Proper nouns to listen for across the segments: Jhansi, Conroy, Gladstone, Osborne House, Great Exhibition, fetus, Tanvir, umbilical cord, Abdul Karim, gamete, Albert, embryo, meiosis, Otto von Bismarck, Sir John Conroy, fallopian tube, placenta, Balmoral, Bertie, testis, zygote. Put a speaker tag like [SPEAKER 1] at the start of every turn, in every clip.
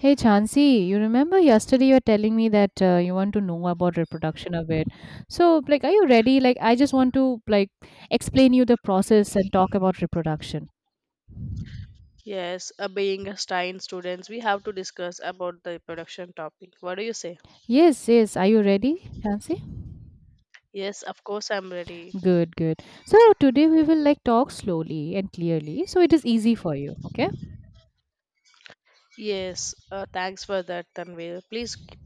[SPEAKER 1] Hey Chansi, you remember yesterday you were telling me that you want to know about reproduction of it. So, like, are you ready? Like, I just want to like explain you the process and talk about reproduction.
[SPEAKER 2] Yes, being a Stein students, we have to discuss about the production topic. What do you say?
[SPEAKER 1] Yes. Are you ready, Chansi?
[SPEAKER 2] Yes, of course I'm ready.
[SPEAKER 1] Good. So today we will like talk slowly and clearly, so it is easy for you. Okay?
[SPEAKER 2] Yes, thanks for that, Tanvir. Please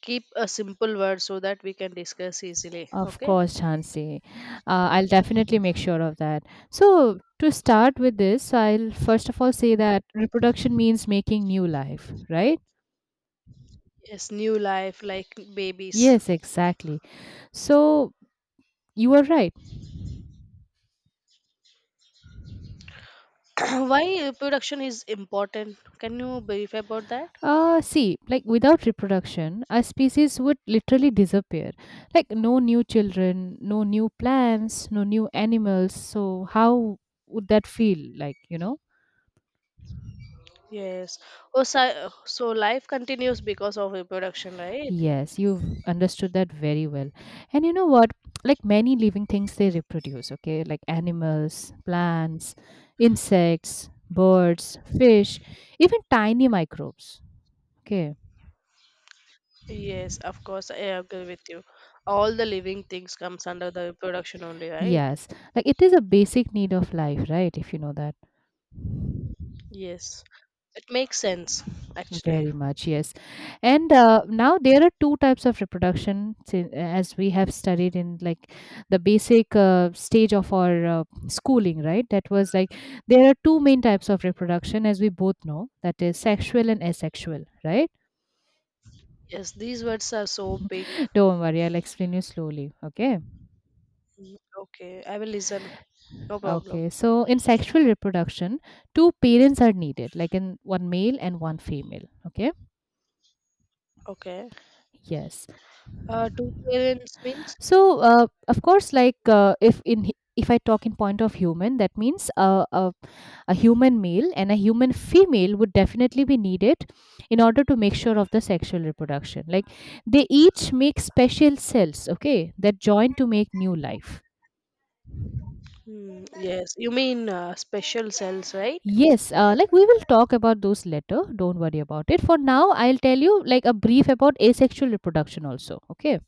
[SPEAKER 2] keep a simple word so that we can discuss easily.
[SPEAKER 1] Of
[SPEAKER 2] Okay?
[SPEAKER 1] course, Chansi. I'll definitely make sure of that. So to start with this, I'll first of all say that reproduction means making new life, right?
[SPEAKER 2] Yes, new life like babies.
[SPEAKER 1] Yes, exactly. So you are right.
[SPEAKER 2] Why production is important? Can you brief about that?
[SPEAKER 1] See, like without reproduction, our species would literally disappear. Like no new children, no new plants, no new animals. So how would that feel like, you know?
[SPEAKER 2] Yes. Oh, so life continues because of reproduction, right?
[SPEAKER 1] Yes, you've understood that very well. And you know what? Like many living things, they reproduce, okay? Like animals, plants, insects, birds, fish, even tiny microbes. Okay.
[SPEAKER 2] Yes, of course, I agree with you. All the living things comes under the production only, right?
[SPEAKER 1] Yes. Like it is a basic need of life, right? If you know that.
[SPEAKER 2] Yes, it makes sense actually.
[SPEAKER 1] Very much, yes. And now there are two types of reproduction, as we have studied in like the basic stage of our schooling, right? That was like there are two main types of reproduction, as we both know, that is sexual and asexual, right?
[SPEAKER 2] Yes, these words are so big.
[SPEAKER 1] Don't worry, I'll explain you slowly, okay?
[SPEAKER 2] Mm, okay, I will listen. No problem.
[SPEAKER 1] Okay, so in sexual reproduction, two parents are needed, like in one male and one female, okay?
[SPEAKER 2] Okay.
[SPEAKER 1] Yes.
[SPEAKER 2] Two parents means?
[SPEAKER 1] So, of course, like if I talk in point of human, that means a human male and a human female would definitely be needed in order to make sure of the sexual reproduction. Like they each make special cells, okay, that join to make new life.
[SPEAKER 2] Hmm, yes, you mean special cells, right?
[SPEAKER 1] Yes, like we will talk about those later. Don't worry about it. For now, I'll tell you like a brief about asexual reproduction also. Okay.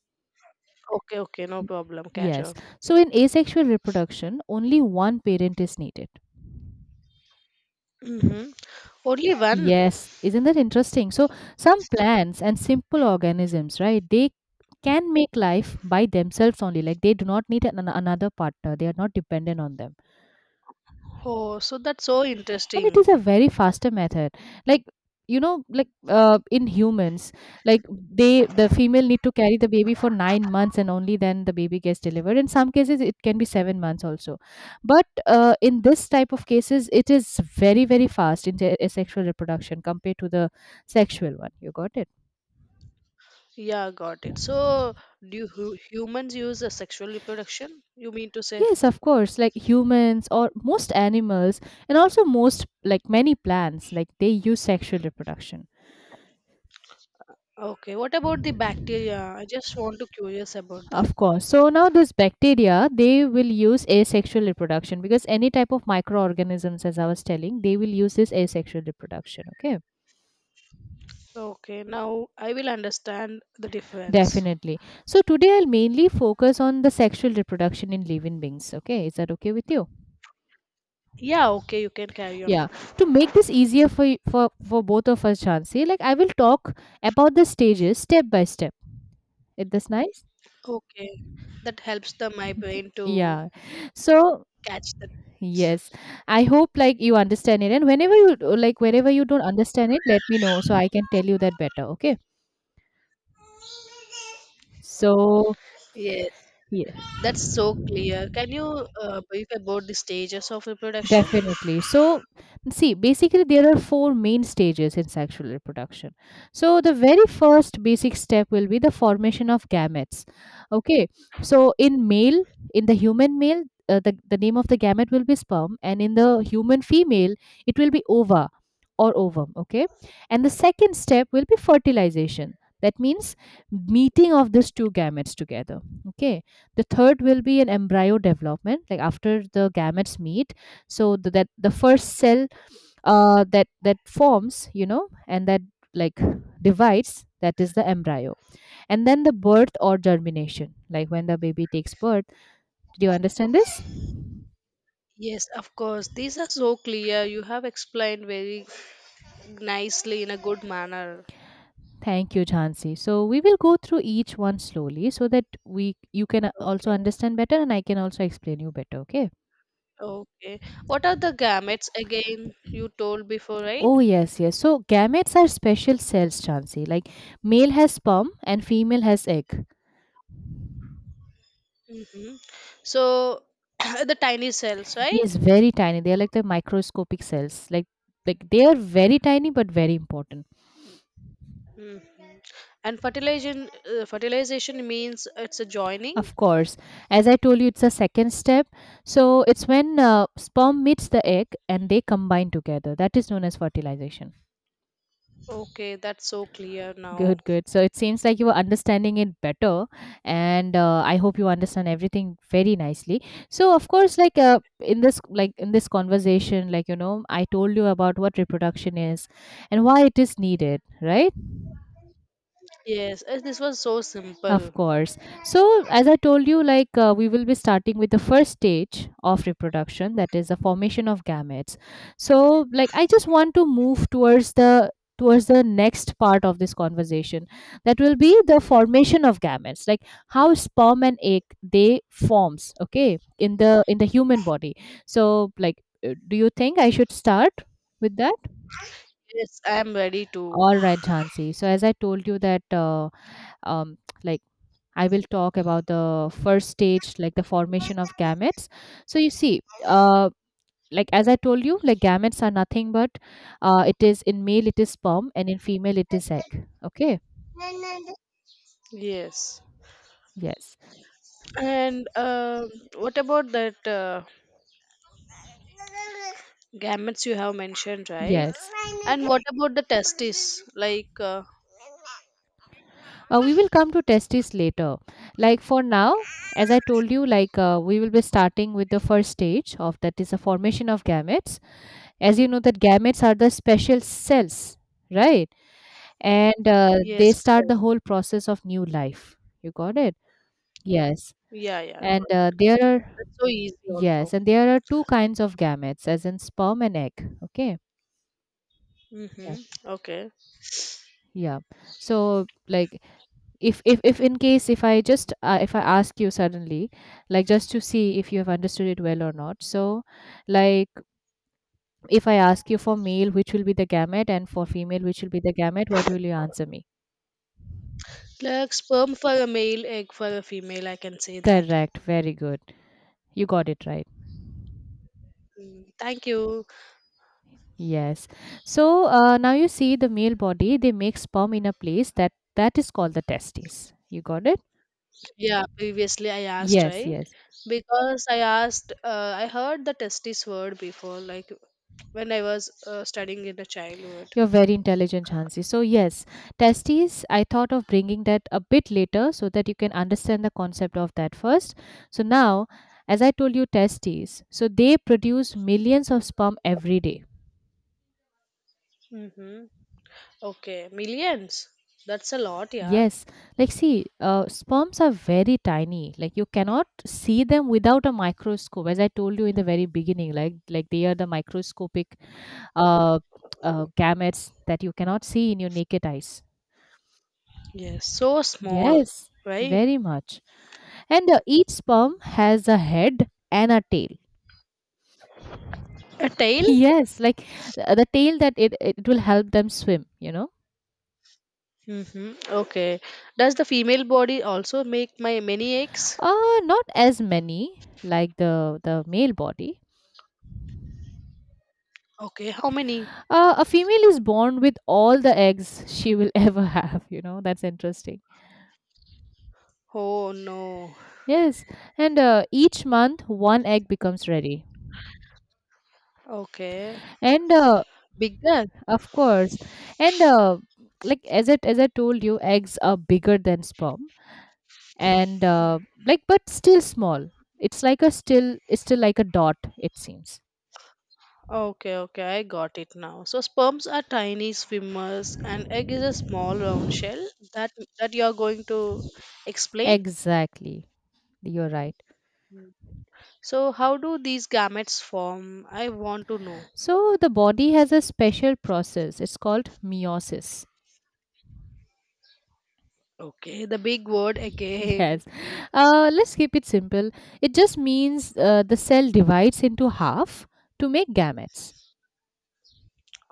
[SPEAKER 2] Okay, okay, no
[SPEAKER 1] Y-
[SPEAKER 2] problem. Carry
[SPEAKER 1] Yes.
[SPEAKER 2] on.
[SPEAKER 1] So in asexual reproduction, only one parent is needed.
[SPEAKER 2] Mm-hmm. Only one.
[SPEAKER 1] Yes, isn't that interesting? So, some plants and simple organisms, right, they can make life by themselves only. Like, they do not need an, another partner, they are not dependent on them
[SPEAKER 2] Oh, so that's so
[SPEAKER 1] and it is
[SPEAKER 2] interesting.
[SPEAKER 1] a very faster method like you know like in humans like they the female need to carry the baby for 9 months and only then the baby gets delivered. In some cases it can be 7 months also, but in this type of cases it is very fast in the asexual reproduction compared to the sexual one. You got it?
[SPEAKER 2] Yeah, got it. So, do humans use a sexual reproduction? You mean to say?
[SPEAKER 1] Yes, of course. Like humans or most animals, and also most, like many plants, like they use sexual reproduction.
[SPEAKER 2] Okay. What about the bacteria? I just want to curious about that.
[SPEAKER 1] Of course. So now those bacteria, they will use asexual reproduction because any type of microorganisms, as I was telling, they will use this asexual reproduction. Okay,
[SPEAKER 2] Okay. Now I will understand the difference.
[SPEAKER 1] definitely. So today I'll mainly focus on the sexual reproduction in living beings. Okay, is that okay with you?
[SPEAKER 2] Yeah. Okay. You can carry on.
[SPEAKER 1] Yeah. To make this easier for for both of us, Chansi, like I will talk about the stages step by step. Is this nice?
[SPEAKER 2] Okay. That helps the my brain to
[SPEAKER 1] Yeah. So
[SPEAKER 2] catch the
[SPEAKER 1] Yes.
[SPEAKER 2] points.
[SPEAKER 1] I hope like you understand it. And whenever you like wherever you don't understand it, let me know so I can tell you that better. Okay. So
[SPEAKER 2] Yes.
[SPEAKER 1] yeah.
[SPEAKER 2] That's so clear. Can you brief about the stages of reproduction?
[SPEAKER 1] Definitely. So, see, basically, there are four main stages in sexual reproduction. So, the very first basic step will be the formation of gametes. Okay. So, in male, in the human male, the name of the gamete will be sperm, and in the human female, it will be ova or ovum. Okay. And the second step will be fertilization. That means meeting of these two gametes together. Okay. The third will be an embryo development, like after the gametes meet so that the first cell that forms you know and that like divides, that is the embryo. And then the birth or germination, like when the baby takes birth. Do you understand this?
[SPEAKER 2] Yes, of course. These are so clear. You have explained very nicely in a good manner.
[SPEAKER 1] Thank you, Jhansi. So we will go through each one slowly so that we you can also
[SPEAKER 2] Okay,
[SPEAKER 1] understand better and I can also explain you better, okay?
[SPEAKER 2] okay. What are the gametes again? You told before, right?
[SPEAKER 1] Oh yes. So gametes are special cells, Jhansi. Like male has sperm and female has egg.
[SPEAKER 2] Mm-hmm. So the tiny cells, right?
[SPEAKER 1] Yes, very tiny. They are like the microscopic cells. Like they are very tiny but very important.
[SPEAKER 2] Mm-hmm. And fertilization, fertilization means it's a joining.
[SPEAKER 1] Of course, as I told you, it's a second step. So it's when sperm meets the egg and they combine together. That is known as fertilization.
[SPEAKER 2] Okay, that's so clear now.
[SPEAKER 1] Good. So it seems like you are understanding it better, and I hope you understand everything very nicely. So of course, like in this conversation, like you know, I told you about what reproduction is and why it is needed, right?
[SPEAKER 2] Yes, this was so
[SPEAKER 1] Of
[SPEAKER 2] simple.
[SPEAKER 1] course. So, as I told you, like we will be starting with the first stage of reproduction, that is the formation of gametes. So, like I just want to move towards the next part of this conversation that will be the formation of gametes, like how sperm and egg they forms, okay, in the human body. So like do you think I should start with that?
[SPEAKER 2] Yes, I am ready to.
[SPEAKER 1] All right, Jhansi. So as I told you that um like I will talk about the first stage, like the formation of gametes. So you see, like as I told you, like gametes are nothing but it is, in male it is sperm and in female it is egg. Okay.
[SPEAKER 2] Yes.
[SPEAKER 1] Yes.
[SPEAKER 2] And what about that gametes you have mentioned, right?
[SPEAKER 1] Yes.
[SPEAKER 2] And what about the testes? Like,
[SPEAKER 1] We will come to testes later. Like for now, as I told you, like we will be starting with the first stage of that is the formation of gametes. As you know, that gametes are the special cells, right? And they
[SPEAKER 2] yes,
[SPEAKER 1] start the whole process of new life. You got it?
[SPEAKER 2] oh,
[SPEAKER 1] Yes,
[SPEAKER 2] yeah,
[SPEAKER 1] and
[SPEAKER 2] got it, got it. That's so easy also.
[SPEAKER 1] there are two kinds of gametes, as in sperm and egg. Okay. Yeah.
[SPEAKER 2] Mm-hmm. Okay.
[SPEAKER 1] Yeah. So like if in case if I ask you suddenly, like just to see if you have understood it well or not. So like if I ask you for male, which will be the gamete, and for female, which will be the gamete, what will you answer me?
[SPEAKER 2] Like sperm for a male, egg for a female, I can say that.
[SPEAKER 1] Correct. Very good. You got it right.
[SPEAKER 2] Mm, thank you.
[SPEAKER 1] Yes. So now you see the male body, they make sperm in a place that is called the testes. You got it?
[SPEAKER 2] Yeah, previously I asked,
[SPEAKER 1] Yes,
[SPEAKER 2] right?
[SPEAKER 1] yes.
[SPEAKER 2] Because I asked, I heard the testis word before, like when I was studying in the childhood.
[SPEAKER 1] You're very intelligent, Hansi. So yes, testes, I thought of bringing that a bit later so that you can understand the concept of that first. So now, as I told you, testes, so they produce millions of sperm every day.
[SPEAKER 2] Mm-hmm. Okay, millions. That's a lot, yeah.
[SPEAKER 1] Yes, like see, sperms are very tiny. Like you cannot see them without a microscope. As I told you in the very beginning, like they are the microscopic uh, gametes that you cannot see in your naked eyes.
[SPEAKER 2] Yes, so small,
[SPEAKER 1] Yes,
[SPEAKER 2] right?
[SPEAKER 1] very much. And each sperm has a head and a tail.
[SPEAKER 2] A tail?
[SPEAKER 1] Yes, like the tail that it will help them swim, you know.
[SPEAKER 2] Mm-hmm. Okay. Does the female body also make my many eggs?
[SPEAKER 1] Not as many like the male body.
[SPEAKER 2] Okay. How many?
[SPEAKER 1] A female is born with all the eggs she will ever have. You know, that's interesting.
[SPEAKER 2] Oh no.
[SPEAKER 1] Yes. And each month, one egg becomes ready.
[SPEAKER 2] Okay.
[SPEAKER 1] And
[SPEAKER 2] Bigger?
[SPEAKER 1] of course, and like as I told you, eggs are bigger than sperm. And like, but still small. It's like a still, it's still like a dot, it seems.
[SPEAKER 2] Okay, okay, I got it now. So sperms are tiny swimmers and egg is a small round shell that that you are going to explain.
[SPEAKER 1] Exactly. You're right.
[SPEAKER 2] So how do these gametes form? I want to know.
[SPEAKER 1] So the body has a special process. It's called meiosis.
[SPEAKER 2] Okay, the big word again.
[SPEAKER 1] Yes. Let's keep it simple. It just means the cell divides into half to make gametes.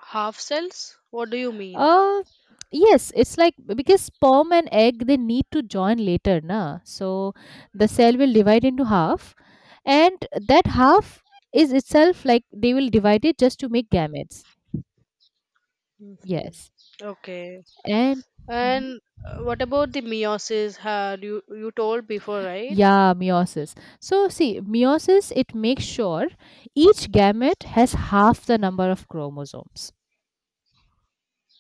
[SPEAKER 2] Half cells? What do you mean?
[SPEAKER 1] Uh, yes, it's like because sperm and egg they need to join later, na. So the cell will divide into half, and that half is itself like they will divide it just to make gametes. Yes.
[SPEAKER 2] Okay.
[SPEAKER 1] And Mhm.
[SPEAKER 2] And what about the meiosis? Had you told before, right?
[SPEAKER 1] Yeah, meiosis. So see, meiosis it makes sure each gamete has half the number of chromosomes.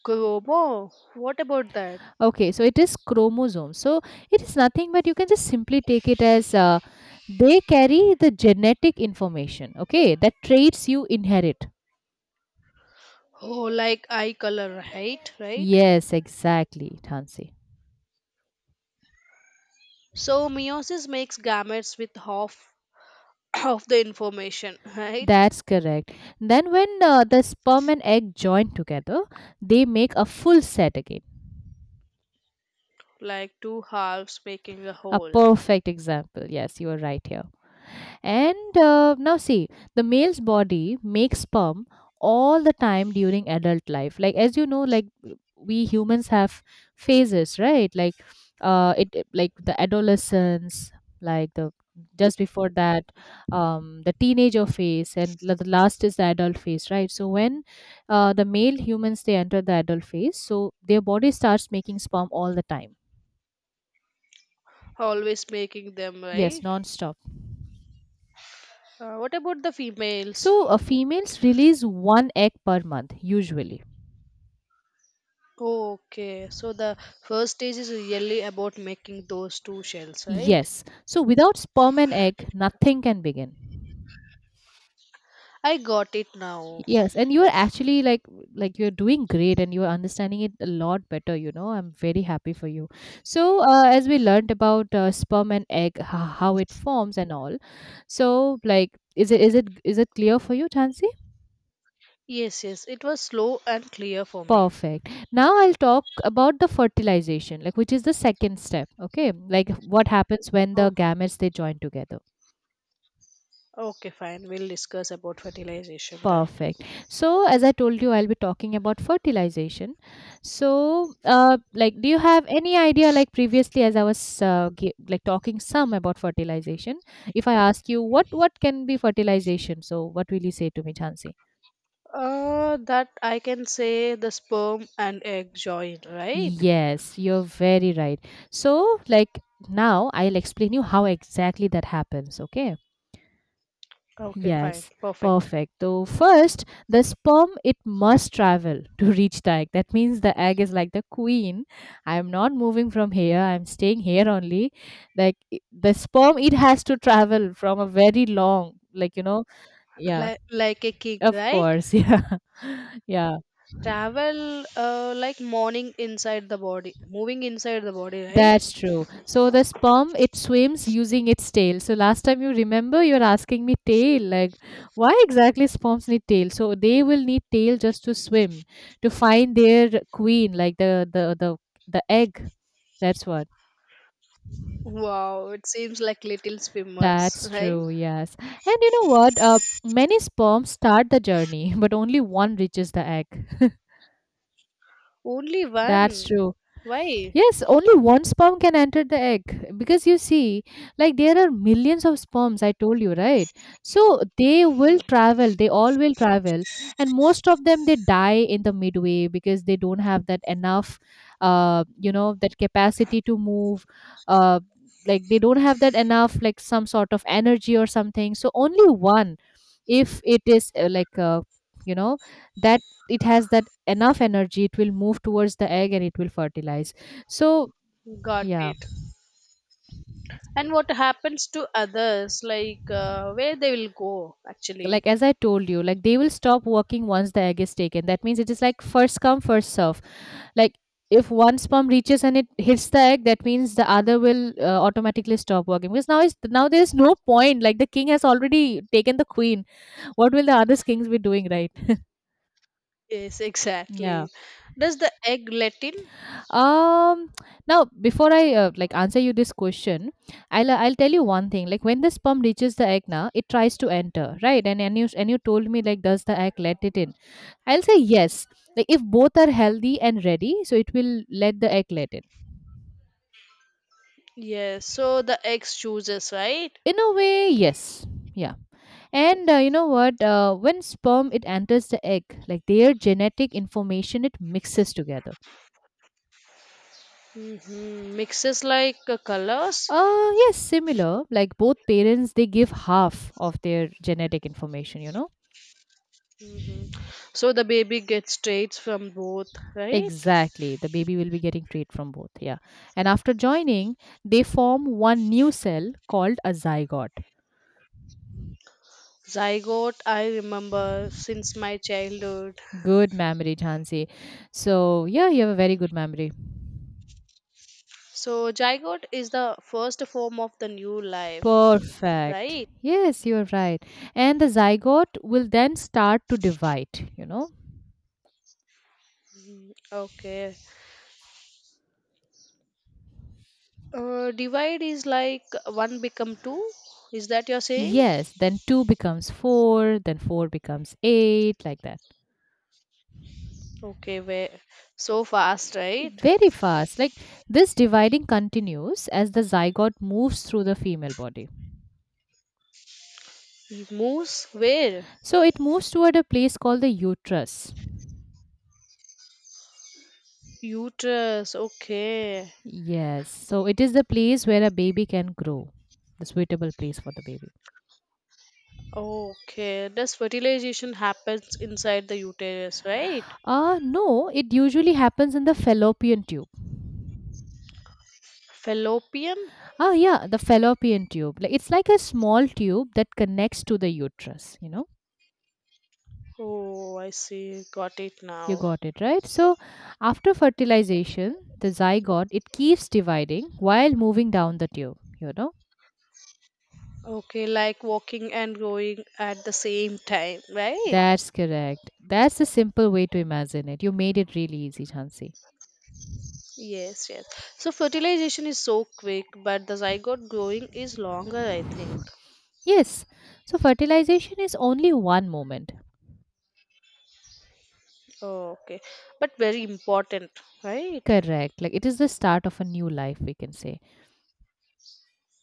[SPEAKER 2] Chromo. What about that?
[SPEAKER 1] Okay, so it is chromosomes. So it is nothing but you can just simply take it as they carry the genetic information. Okay, that traits you inherit.
[SPEAKER 2] Oh, like eye color, right? Right.
[SPEAKER 1] Yes, exactly, Tansi.
[SPEAKER 2] So meiosis makes gametes with half of the information, right?
[SPEAKER 1] That's correct. Then when the sperm and egg join together, they make a full set again.
[SPEAKER 2] Like two halves making a
[SPEAKER 1] A
[SPEAKER 2] whole,
[SPEAKER 1] perfect example. Yes, you are right here. And now, see, the male's body makes sperm all the time during adult life. Like, as you know, like we humans have phases, right? Like, like the adolescence, like the just before that, the teenager phase, and the last is the adult phase, right? So when the male humans they enter the adult phase, so their body starts making sperm all the time.
[SPEAKER 2] always making them
[SPEAKER 1] Yes,
[SPEAKER 2] right.
[SPEAKER 1] non-stop.
[SPEAKER 2] What about the females?
[SPEAKER 1] So females release one egg per month usually.
[SPEAKER 2] Okay, so the first stage is really about making those two shells, right?
[SPEAKER 1] Yes. So without sperm and egg, nothing can begin.
[SPEAKER 2] I got it now.
[SPEAKER 1] Yes, and you are actually like you're doing great and you're understanding it a lot better. I'm very happy for you. So, as we learned about sperm and egg, how it forms and all. So, like is it clear for you, Chansey?
[SPEAKER 2] Yes, yes, it was slow and clear for me.
[SPEAKER 1] Perfect. Now I'll talk about the fertilization, like which is the second step, okay? Like what happens when the
[SPEAKER 2] Oh,
[SPEAKER 1] gametes they join together.
[SPEAKER 2] okay, fine. We'll discuss about fertilization then.
[SPEAKER 1] Perfect. So, as I told you, I'll be talking about fertilization. So, like, do you have any idea? Like previously, as I was like talking some about fertilization, if I ask you what can be fertilization, so what will you say to me, Chansi?
[SPEAKER 2] That I can say the sperm and egg join, right?
[SPEAKER 1] Yes, you're very right. So, like now, I'll explain you how exactly that happens. Okay.
[SPEAKER 2] Okay, fine,
[SPEAKER 1] Yes,
[SPEAKER 2] perfect.
[SPEAKER 1] perfect. So first, the sperm it must travel to reach the egg. That means the egg is like the queen. I am not moving from here. I am staying here only. Like the sperm, it has to travel from a very long, like yeah,
[SPEAKER 2] Like a kid,
[SPEAKER 1] of
[SPEAKER 2] right?
[SPEAKER 1] course, yeah, yeah.
[SPEAKER 2] Travel like morning inside the body, moving inside the body, right?
[SPEAKER 1] That's true. So the sperm it swims using its tail. So last time you remember you're asking me tail, like why exactly sperms need tail? So they will need tail just to swim to find their queen, like the egg. That's what.
[SPEAKER 2] Wow, it seems like little swimmers,
[SPEAKER 1] That's
[SPEAKER 2] right?
[SPEAKER 1] true. Yes. And you know what? Many sperms start the journey, but only one reaches the egg.
[SPEAKER 2] Only
[SPEAKER 1] That's
[SPEAKER 2] one.
[SPEAKER 1] true.
[SPEAKER 2] Why?
[SPEAKER 1] Yes, only one sperm can enter the egg because you see, like there are millions of sperms, I told you, right? So they will travel, they all will travel, and most of them they die in the midway because they don't have that enough, that capacity to move, uh, like they don't have that enough, like some sort of energy or something. So only one, if it is like you know that it has that enough energy, it will move towards the egg and it will fertilize. So
[SPEAKER 2] Got
[SPEAKER 1] yeah,
[SPEAKER 2] it. And what happens to others, like where they will go
[SPEAKER 1] like
[SPEAKER 2] actually?
[SPEAKER 1] as I told you, like they will stop working once the egg is taken. That means it is like first come, first serve. Like, if one sperm reaches and it hits the egg, that means the other will automatically stop working, because now there is no point, like the king has already taken the queen. What will the other kings be doing, right?
[SPEAKER 2] Yes,
[SPEAKER 1] Yeah.
[SPEAKER 2] exactly. Does the egg let in?
[SPEAKER 1] um Now, before I like answer you this question, I'll tell you one thing. Like when the sperm reaches the egg, now it tries to enter, right, and you told me, like, does the egg let it in? I'll say yes. Like if both are healthy and ready, so it will let the egg let in.
[SPEAKER 2] Yes, so the egg chooses, right?
[SPEAKER 1] In a way, yes. Yeah. And you know what, when sperm it enters the egg, like their genetic information it mixes together.
[SPEAKER 2] Mm-hmm. Mixes like colors.
[SPEAKER 1] Yes, similar, like both parents they give half of their genetic information.
[SPEAKER 2] Mm-hmm. So the baby gets traits from both, right?
[SPEAKER 1] Exactly. The baby will be getting trait from both. Yeah. And after joining, they form one new cell called a zygote.
[SPEAKER 2] Zygote, I remember since my childhood.
[SPEAKER 1] Good memory, Jhansi. So, yeah, you have a very good memory.
[SPEAKER 2] So, zygote is the first form of the new life,
[SPEAKER 1] Perfect.
[SPEAKER 2] right?
[SPEAKER 1] Yes, you're right. And the zygote will then start to divide, you know?
[SPEAKER 2] Okay. Divide is like one become two. Is that you're saying?
[SPEAKER 1] Yes, then two becomes four, then four becomes eight, like that.
[SPEAKER 2] Okay, where so fast, right?
[SPEAKER 1] Very fast. Like this dividing continues as the zygote moves through the female body.
[SPEAKER 2] It moves where?
[SPEAKER 1] So it moves toward a place called the uterus.
[SPEAKER 2] Uterus. Okay.
[SPEAKER 1] Yes, so it is the place where a baby can grow, the suitable place for the baby.
[SPEAKER 2] Okay. Does fertilization happens inside the uterus, right?
[SPEAKER 1] No, it usually happens in the fallopian tube.
[SPEAKER 2] Fallopian.
[SPEAKER 1] Ah, yeah, the fallopian tube. Like it's like a small tube that connects to the uterus, you know.
[SPEAKER 2] Oh, I see. Got it
[SPEAKER 1] You
[SPEAKER 2] now.
[SPEAKER 1] got it, right? So after fertilization, the zygote it keeps dividing while moving down the tube.
[SPEAKER 2] Okay, like walking and growing at the same time, right?
[SPEAKER 1] That's correct. That's the simple way to imagine it. You made it really easy, Chansi.
[SPEAKER 2] Yes, yes. So fertilization is so quick, but the zygote growing is longer, I think.
[SPEAKER 1] Yes. So fertilization is only one moment.
[SPEAKER 2] Oh, okay. But very important, right?
[SPEAKER 1] Correct. Like it is the start of a new life, we can say.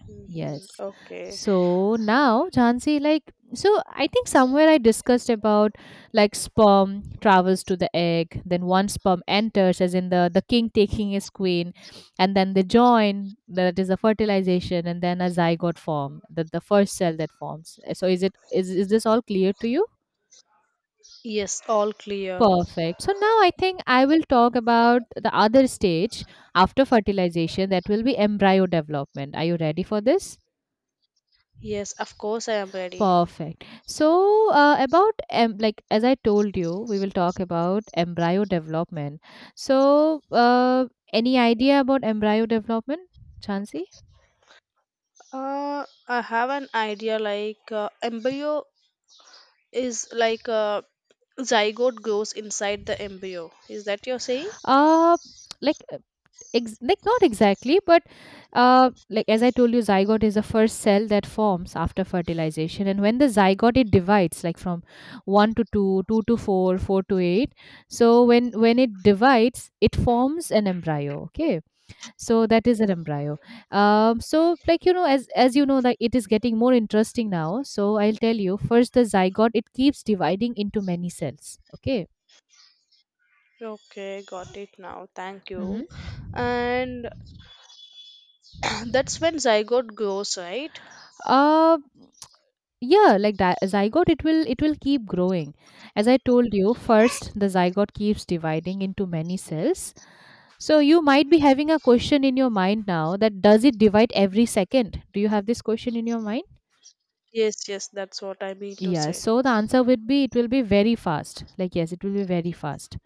[SPEAKER 2] Mm-hmm.
[SPEAKER 1] Yes.
[SPEAKER 2] Okay.
[SPEAKER 1] So now, Jhansi, like, so I think somewhere I discussed about like sperm travels to the egg, then one sperm enters, as in the king taking his queen, and then they join, that is the fertilization, and then a zygote form, the first cell that forms. So is this all clear to you?
[SPEAKER 2] Yes, all clear.
[SPEAKER 1] Perfect. So now I think I will talk about the other stage after fertilization that will be embryo development. Are you ready for this?
[SPEAKER 2] Yes, of course I am ready.
[SPEAKER 1] Perfect. So like as I told you, we will talk about embryo development. So any idea about embryo development, Chansi?
[SPEAKER 2] I have an idea like embryo is like a zygote grows inside the embryo. Is that you're saying?
[SPEAKER 1] Uh like like not exactly, but like as I told you, zygote is the first cell that forms after fertilization, and when the zygote it divides like from 1 to 2 2 to 4 4 to 8. So when it divides, it forms an embryo. Okay. So that is an embryo. So, like, as you know that it is getting more interesting now, so I'll tell you first the zygote it keeps dividing into many cells. Okay.
[SPEAKER 2] Okay, got it now. Thank you.
[SPEAKER 1] Mm-hmm.
[SPEAKER 2] And that's when zygote grows, right?
[SPEAKER 1] Uh, yeah, like zygote it will keep growing. As I told you, first the zygote keeps dividing into many cells. So you might be having a question in your mind now that does it divide every second? Do you have this question in your mind?
[SPEAKER 2] Yes, yes, that's what I mean to
[SPEAKER 1] Yeah,
[SPEAKER 2] say.
[SPEAKER 1] so the answer would be it will be very fast. Like, yes, it will be very fast.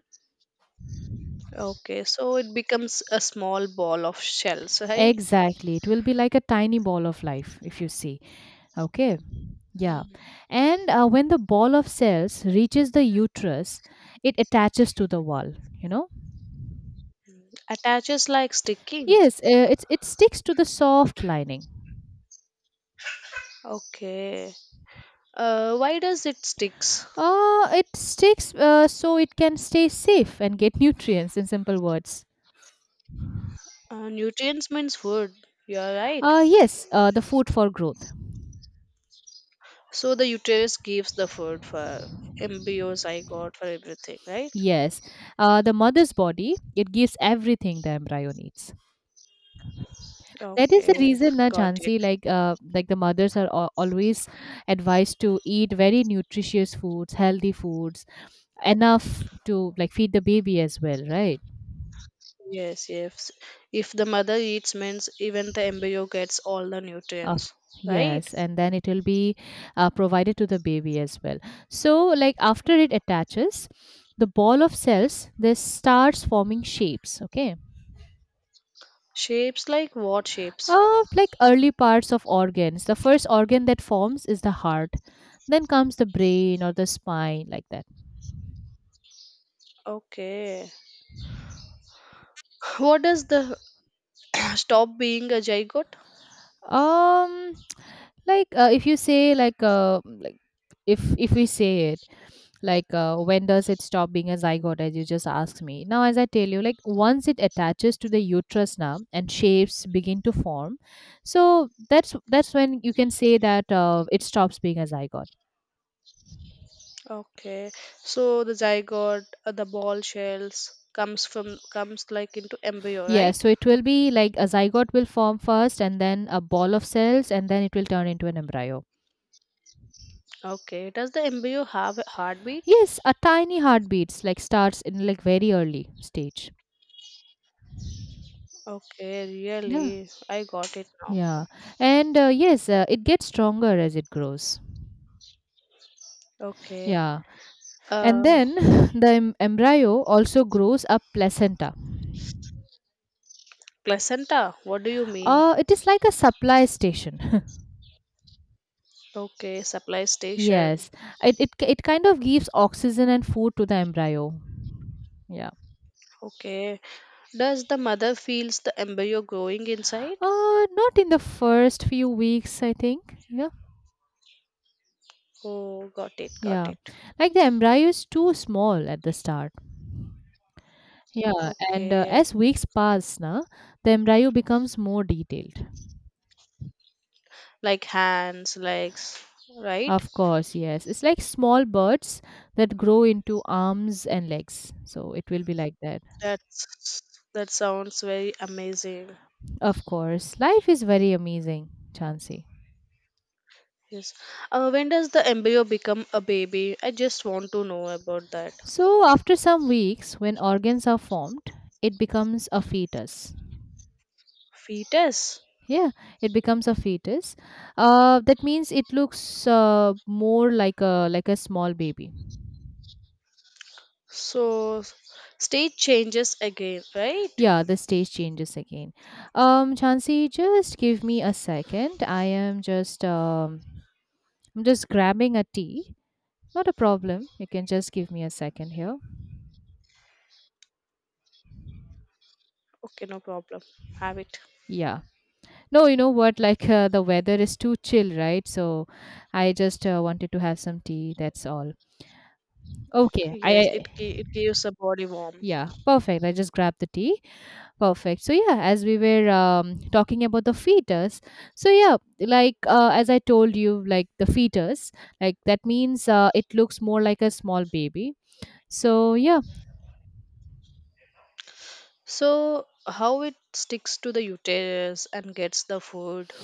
[SPEAKER 2] Okay, so it becomes a small ball of shells, right?
[SPEAKER 1] Exactly, it will be like a tiny ball of life, if you see. Okay. Yeah. And when the ball of cells reaches the uterus, it attaches to the wall you know
[SPEAKER 2] Attaches like sticking.
[SPEAKER 1] Yes, it sticks to the soft lining.
[SPEAKER 2] Okay. Why does it sticks?
[SPEAKER 1] It sticks so it can stay safe and get nutrients in simple words.
[SPEAKER 2] Nutrients means food. You're right.
[SPEAKER 1] Yes, the food for growth.
[SPEAKER 2] So the uterus gives the food for embryos. I got for everything, right?
[SPEAKER 1] Yes, the mother's body it gives everything the embryo needs. That is the
[SPEAKER 2] Okay,
[SPEAKER 1] reason, na
[SPEAKER 2] got it.
[SPEAKER 1] Jansi, like the mothers are always advised to eat very nutritious foods, healthy foods, enough to like feed the baby as well, right?
[SPEAKER 2] Yes, yes. If the mother eats means even the embryo gets all the
[SPEAKER 1] Of
[SPEAKER 2] nutrients, right?
[SPEAKER 1] Yes, and then it will be provided to the baby as well. So, like after it attaches, the ball of cells this starts forming shapes. Okay.
[SPEAKER 2] Shapes like what shapes?
[SPEAKER 1] Like early parts of organs, the first organ that forms is the heart. Then comes the brain or the spine, like that.
[SPEAKER 2] Okay. What does the stop being a zygote?
[SPEAKER 1] Um, like if you say like if we say it, like when does it stop being a zygote, as you just asked me now? As I tell you, like once it attaches to the uterus now and shapes begin to form, so that's when you can say that it stops being a zygote.
[SPEAKER 2] Okay, so the zygote, the ball shells comes from comes like into embryo,
[SPEAKER 1] Yeah,
[SPEAKER 2] right?
[SPEAKER 1] so it will be like a zygote will form first, and then a ball of cells, and then it will turn into an embryo.
[SPEAKER 2] Okay, does the embryo have a heartbeat?
[SPEAKER 1] Yes, a tiny heartbeats like starts in like very early stage.
[SPEAKER 2] Okay,
[SPEAKER 1] Yeah,
[SPEAKER 2] really, I got it now.
[SPEAKER 1] yeah. And yes, it gets stronger as it grows.
[SPEAKER 2] Okay,
[SPEAKER 1] Yeah. And
[SPEAKER 2] uh,
[SPEAKER 1] then the embryo also grows a placenta.
[SPEAKER 2] placenta. What do you mean?
[SPEAKER 1] It is like a supply station.
[SPEAKER 2] Okay, supply station.
[SPEAKER 1] Yes, it kind of gives oxygen and food to the embryo. Yeah.
[SPEAKER 2] Okay, does the mother feels the embryo growing inside?
[SPEAKER 1] Not in the first few weeks, I think. Yeah.
[SPEAKER 2] Oh, got it, got
[SPEAKER 1] Yeah.
[SPEAKER 2] it.
[SPEAKER 1] Like the embryo is too small at the start. Yeah. And
[SPEAKER 2] Okay,
[SPEAKER 1] as weeks pass, na, the embryo becomes more detailed.
[SPEAKER 2] like hands, legs, right?
[SPEAKER 1] Of course, yes. It's like small birds that grow into arms and legs. So it will be like that.
[SPEAKER 2] That's that sounds very amazing.
[SPEAKER 1] Of course, life is very amazing, Chansey.
[SPEAKER 2] Yes. When does the embryo become a baby? I just want to know about that.
[SPEAKER 1] So after some weeks, when organs are formed, it becomes a fetus.
[SPEAKER 2] Fetus.
[SPEAKER 1] Yeah, it becomes a fetus. That means it looks more like a small baby.
[SPEAKER 2] So state changes again, right?
[SPEAKER 1] Yeah, the stage changes again. Chansey, just give me a second. I'm just grabbing a tea. Not a problem. You can just give me a second here.
[SPEAKER 2] Okay, no problem. Have it.
[SPEAKER 1] Yeah. No, you know what? Like the weather is too chill, right? So I just wanted to have some tea. That's all. Okay.
[SPEAKER 2] Yes,
[SPEAKER 1] I
[SPEAKER 2] it gives a body warmth.
[SPEAKER 1] Yeah, perfect. I just grabbed the tea. Perfect. So yeah, as we were talking about the fetus, so yeah, like as I told you, like the fetus, like that means it looks more like a small baby. So yeah,
[SPEAKER 2] So how it sticks to the uterus and gets the food?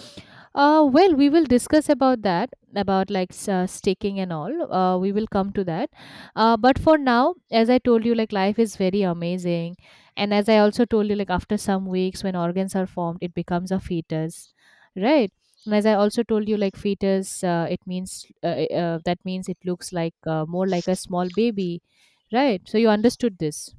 [SPEAKER 1] Well, we will discuss about that, about like staking and all. We will come to that. But for now, as I told you, like life is very amazing. And as I also told you, like after some weeks when organs are formed, it becomes a fetus, right? And as I also told you, like fetus, it means that means it looks like more like a small baby, right? So you understood this,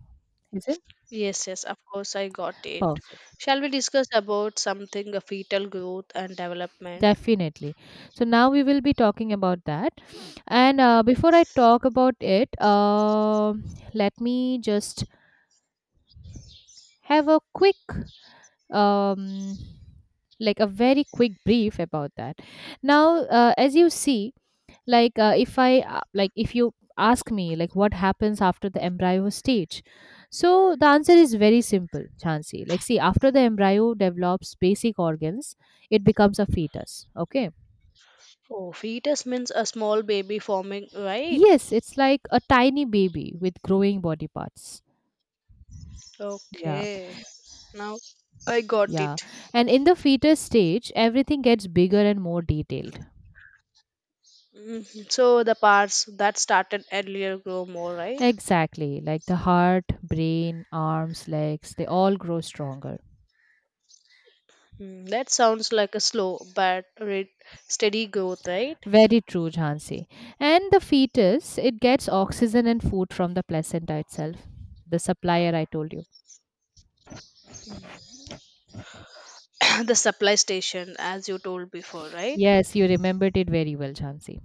[SPEAKER 1] is it?
[SPEAKER 2] Yes, yes, of course I got it.
[SPEAKER 1] Perfect.
[SPEAKER 2] Shall we discuss about something a fetal growth and development?
[SPEAKER 1] Definitely. So now we will be talking about that. And before I talk about it, let me just have a quick, um, like a very quick brief about that. Now, as you see, if I like if you ask me like what happens after the embryo stage, so the answer is very simple, Chansi. Like, see, after the embryo develops basic organs, it becomes a fetus. Okay.
[SPEAKER 2] Oh, fetus means a small baby forming, right?
[SPEAKER 1] Yes, it's like a tiny baby with growing body parts. Yeah.
[SPEAKER 2] Okay, now I got
[SPEAKER 1] Yeah.
[SPEAKER 2] it.
[SPEAKER 1] And in the fetus stage, everything gets bigger and more detailed.
[SPEAKER 2] Mhm. So the parts that started earlier grow more, right?
[SPEAKER 1] Exactly. Like the heart, brain, arms, legs, they all grow stronger.
[SPEAKER 2] Mm, that sounds like a slow but steady growth, right?
[SPEAKER 1] Very true, Jhansi. And the fetus, it gets oxygen and food from the placenta itself, the supplier I told you.
[SPEAKER 2] the supply station, as you told before, right?
[SPEAKER 1] Yes, you remembered it very well, Jhansi.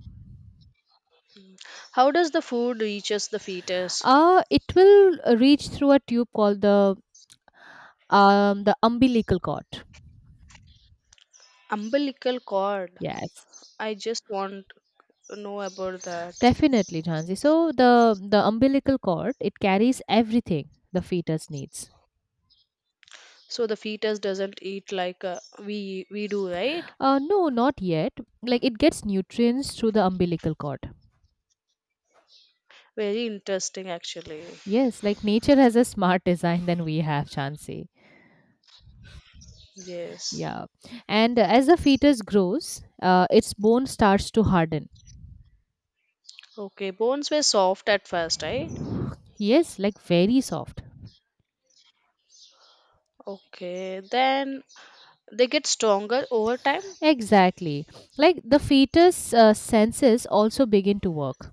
[SPEAKER 2] How does the food reaches the fetus?
[SPEAKER 1] It will reach through a tube called the umbilical cord.
[SPEAKER 2] Umbilical cord.
[SPEAKER 1] Yes.
[SPEAKER 2] I just want to know about that.
[SPEAKER 1] Definitely, Jhansi. So the the umbilical cord it carries everything the fetus needs.
[SPEAKER 2] So the fetus doesn't eat like we do, right?
[SPEAKER 1] No, not yet. Like it gets nutrients through the umbilical cord.
[SPEAKER 2] Very interesting, actually.
[SPEAKER 1] Yes, like nature has a smart design than we have, Jhansi.
[SPEAKER 2] Yes.
[SPEAKER 1] Yeah, and as the fetus grows, its bone starts to harden.
[SPEAKER 2] Okay, bones were soft at first, right?
[SPEAKER 1] Yes, like very soft.
[SPEAKER 2] Okay, then they get stronger over time.
[SPEAKER 1] Exactly. Like the fetus senses also begin to work.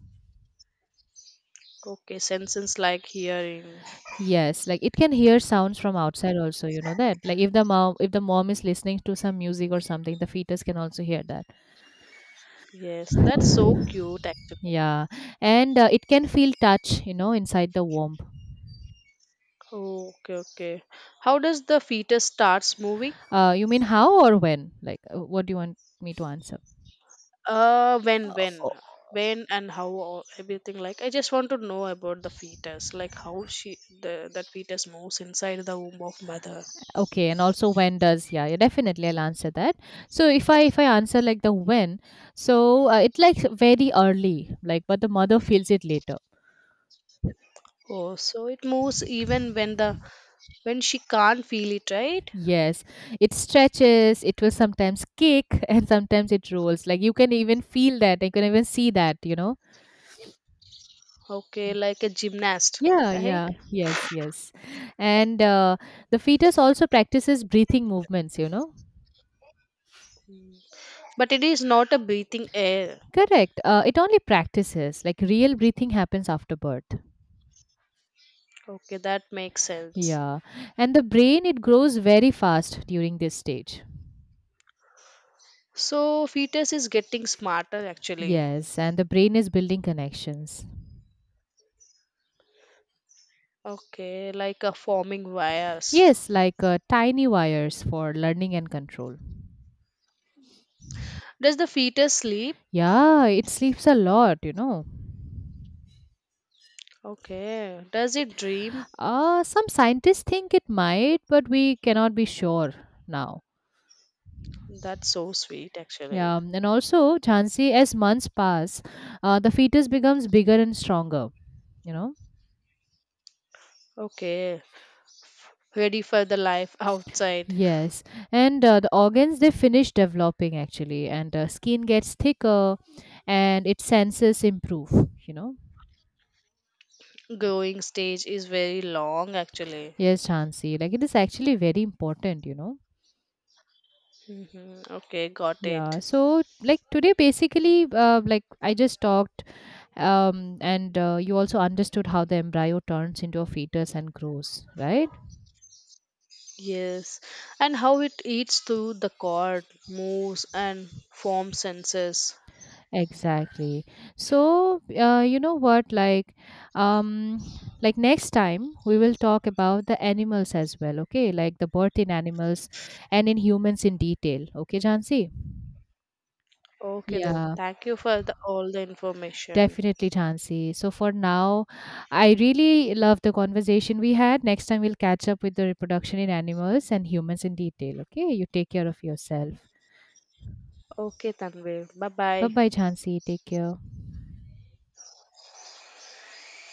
[SPEAKER 2] Okay, senses like hearing.
[SPEAKER 1] Yes, like it can hear sounds from outside also, you know that. Like if the mom is listening to some music or something, the fetus can also hear that.
[SPEAKER 2] Yes, that's so cute, actually.
[SPEAKER 1] Yeah. And it can feel touch, you know, inside the womb.
[SPEAKER 2] Okay, okay. How does the fetus starts moving?
[SPEAKER 1] You mean how or when? What do you want me to answer?
[SPEAKER 2] Uh, when, when,
[SPEAKER 1] O-
[SPEAKER 2] when, and how everything. Like, I just want to know about the fetus, like how she the that fetus moves inside the womb of mother.
[SPEAKER 1] Okay, and also when does yeah, yeah, definitely I'll answer that. So if I answer like the when, so it like very early, like but the mother feels it later.
[SPEAKER 2] Oh, so it moves even when the when she can't feel it, right?
[SPEAKER 1] Yes, it stretches, it will sometimes kick, and sometimes it rolls. Like you can even feel that, you can even see that, you know.
[SPEAKER 2] Okay, like a gymnast,
[SPEAKER 1] Yeah,
[SPEAKER 2] right?
[SPEAKER 1] yeah, yes, yes. And the fetus also practices breathing movements, you know.
[SPEAKER 2] But it is not a breathing air.
[SPEAKER 1] Correct. It only practices, like real breathing happens after birth.
[SPEAKER 2] Okay, that makes sense.
[SPEAKER 1] Yeah. And the brain, it grows very fast during this stage.
[SPEAKER 2] So, fetus is getting smarter actually.
[SPEAKER 1] Yes, and the brain is building connections.
[SPEAKER 2] Okay, like a forming wires.
[SPEAKER 1] Yes, tiny wires for learning and control.
[SPEAKER 2] Does the fetus sleep?
[SPEAKER 1] Yeah, it sleeps a lot, you know.
[SPEAKER 2] Okay. Does it dream?
[SPEAKER 1] Some scientists think it might, but we cannot be sure now.
[SPEAKER 2] That's so sweet actually.
[SPEAKER 1] Yeah, and also, Jhansi, as months pass, the fetus becomes bigger and stronger, you know.
[SPEAKER 2] Okay. Ready for the life outside.
[SPEAKER 1] Yes, and the organs they finish developing actually, and skin gets thicker, and its senses improve, you know.
[SPEAKER 2] Growing stage is very long actually.
[SPEAKER 1] Yes, Jhansi, like it is actually very important, you know.
[SPEAKER 2] Hmm. Okay, got
[SPEAKER 1] Yeah,
[SPEAKER 2] it.
[SPEAKER 1] so like today, basically, like I just talked and you also understood how the embryo turns into a fetus and grows, right?
[SPEAKER 2] Yes, and how it eats through the cord, moves, and forms senses.
[SPEAKER 1] Exactly. So you know what, um like next time we will talk about the animals as well, okay? Like the birth in animals and in humans in detail, okay, Jansi?
[SPEAKER 2] Okay, then.
[SPEAKER 1] Yeah,
[SPEAKER 2] Thank you for the all the information.
[SPEAKER 1] definitely, Jansi. So for now, I really love the conversation we had. Next time we'll catch up with the reproduction in animals and humans in detail, okay? You take care of yourself.
[SPEAKER 2] Okay, Tanvir. Bye
[SPEAKER 1] Bye
[SPEAKER 2] bye.
[SPEAKER 1] bye, Jhansi. Take care.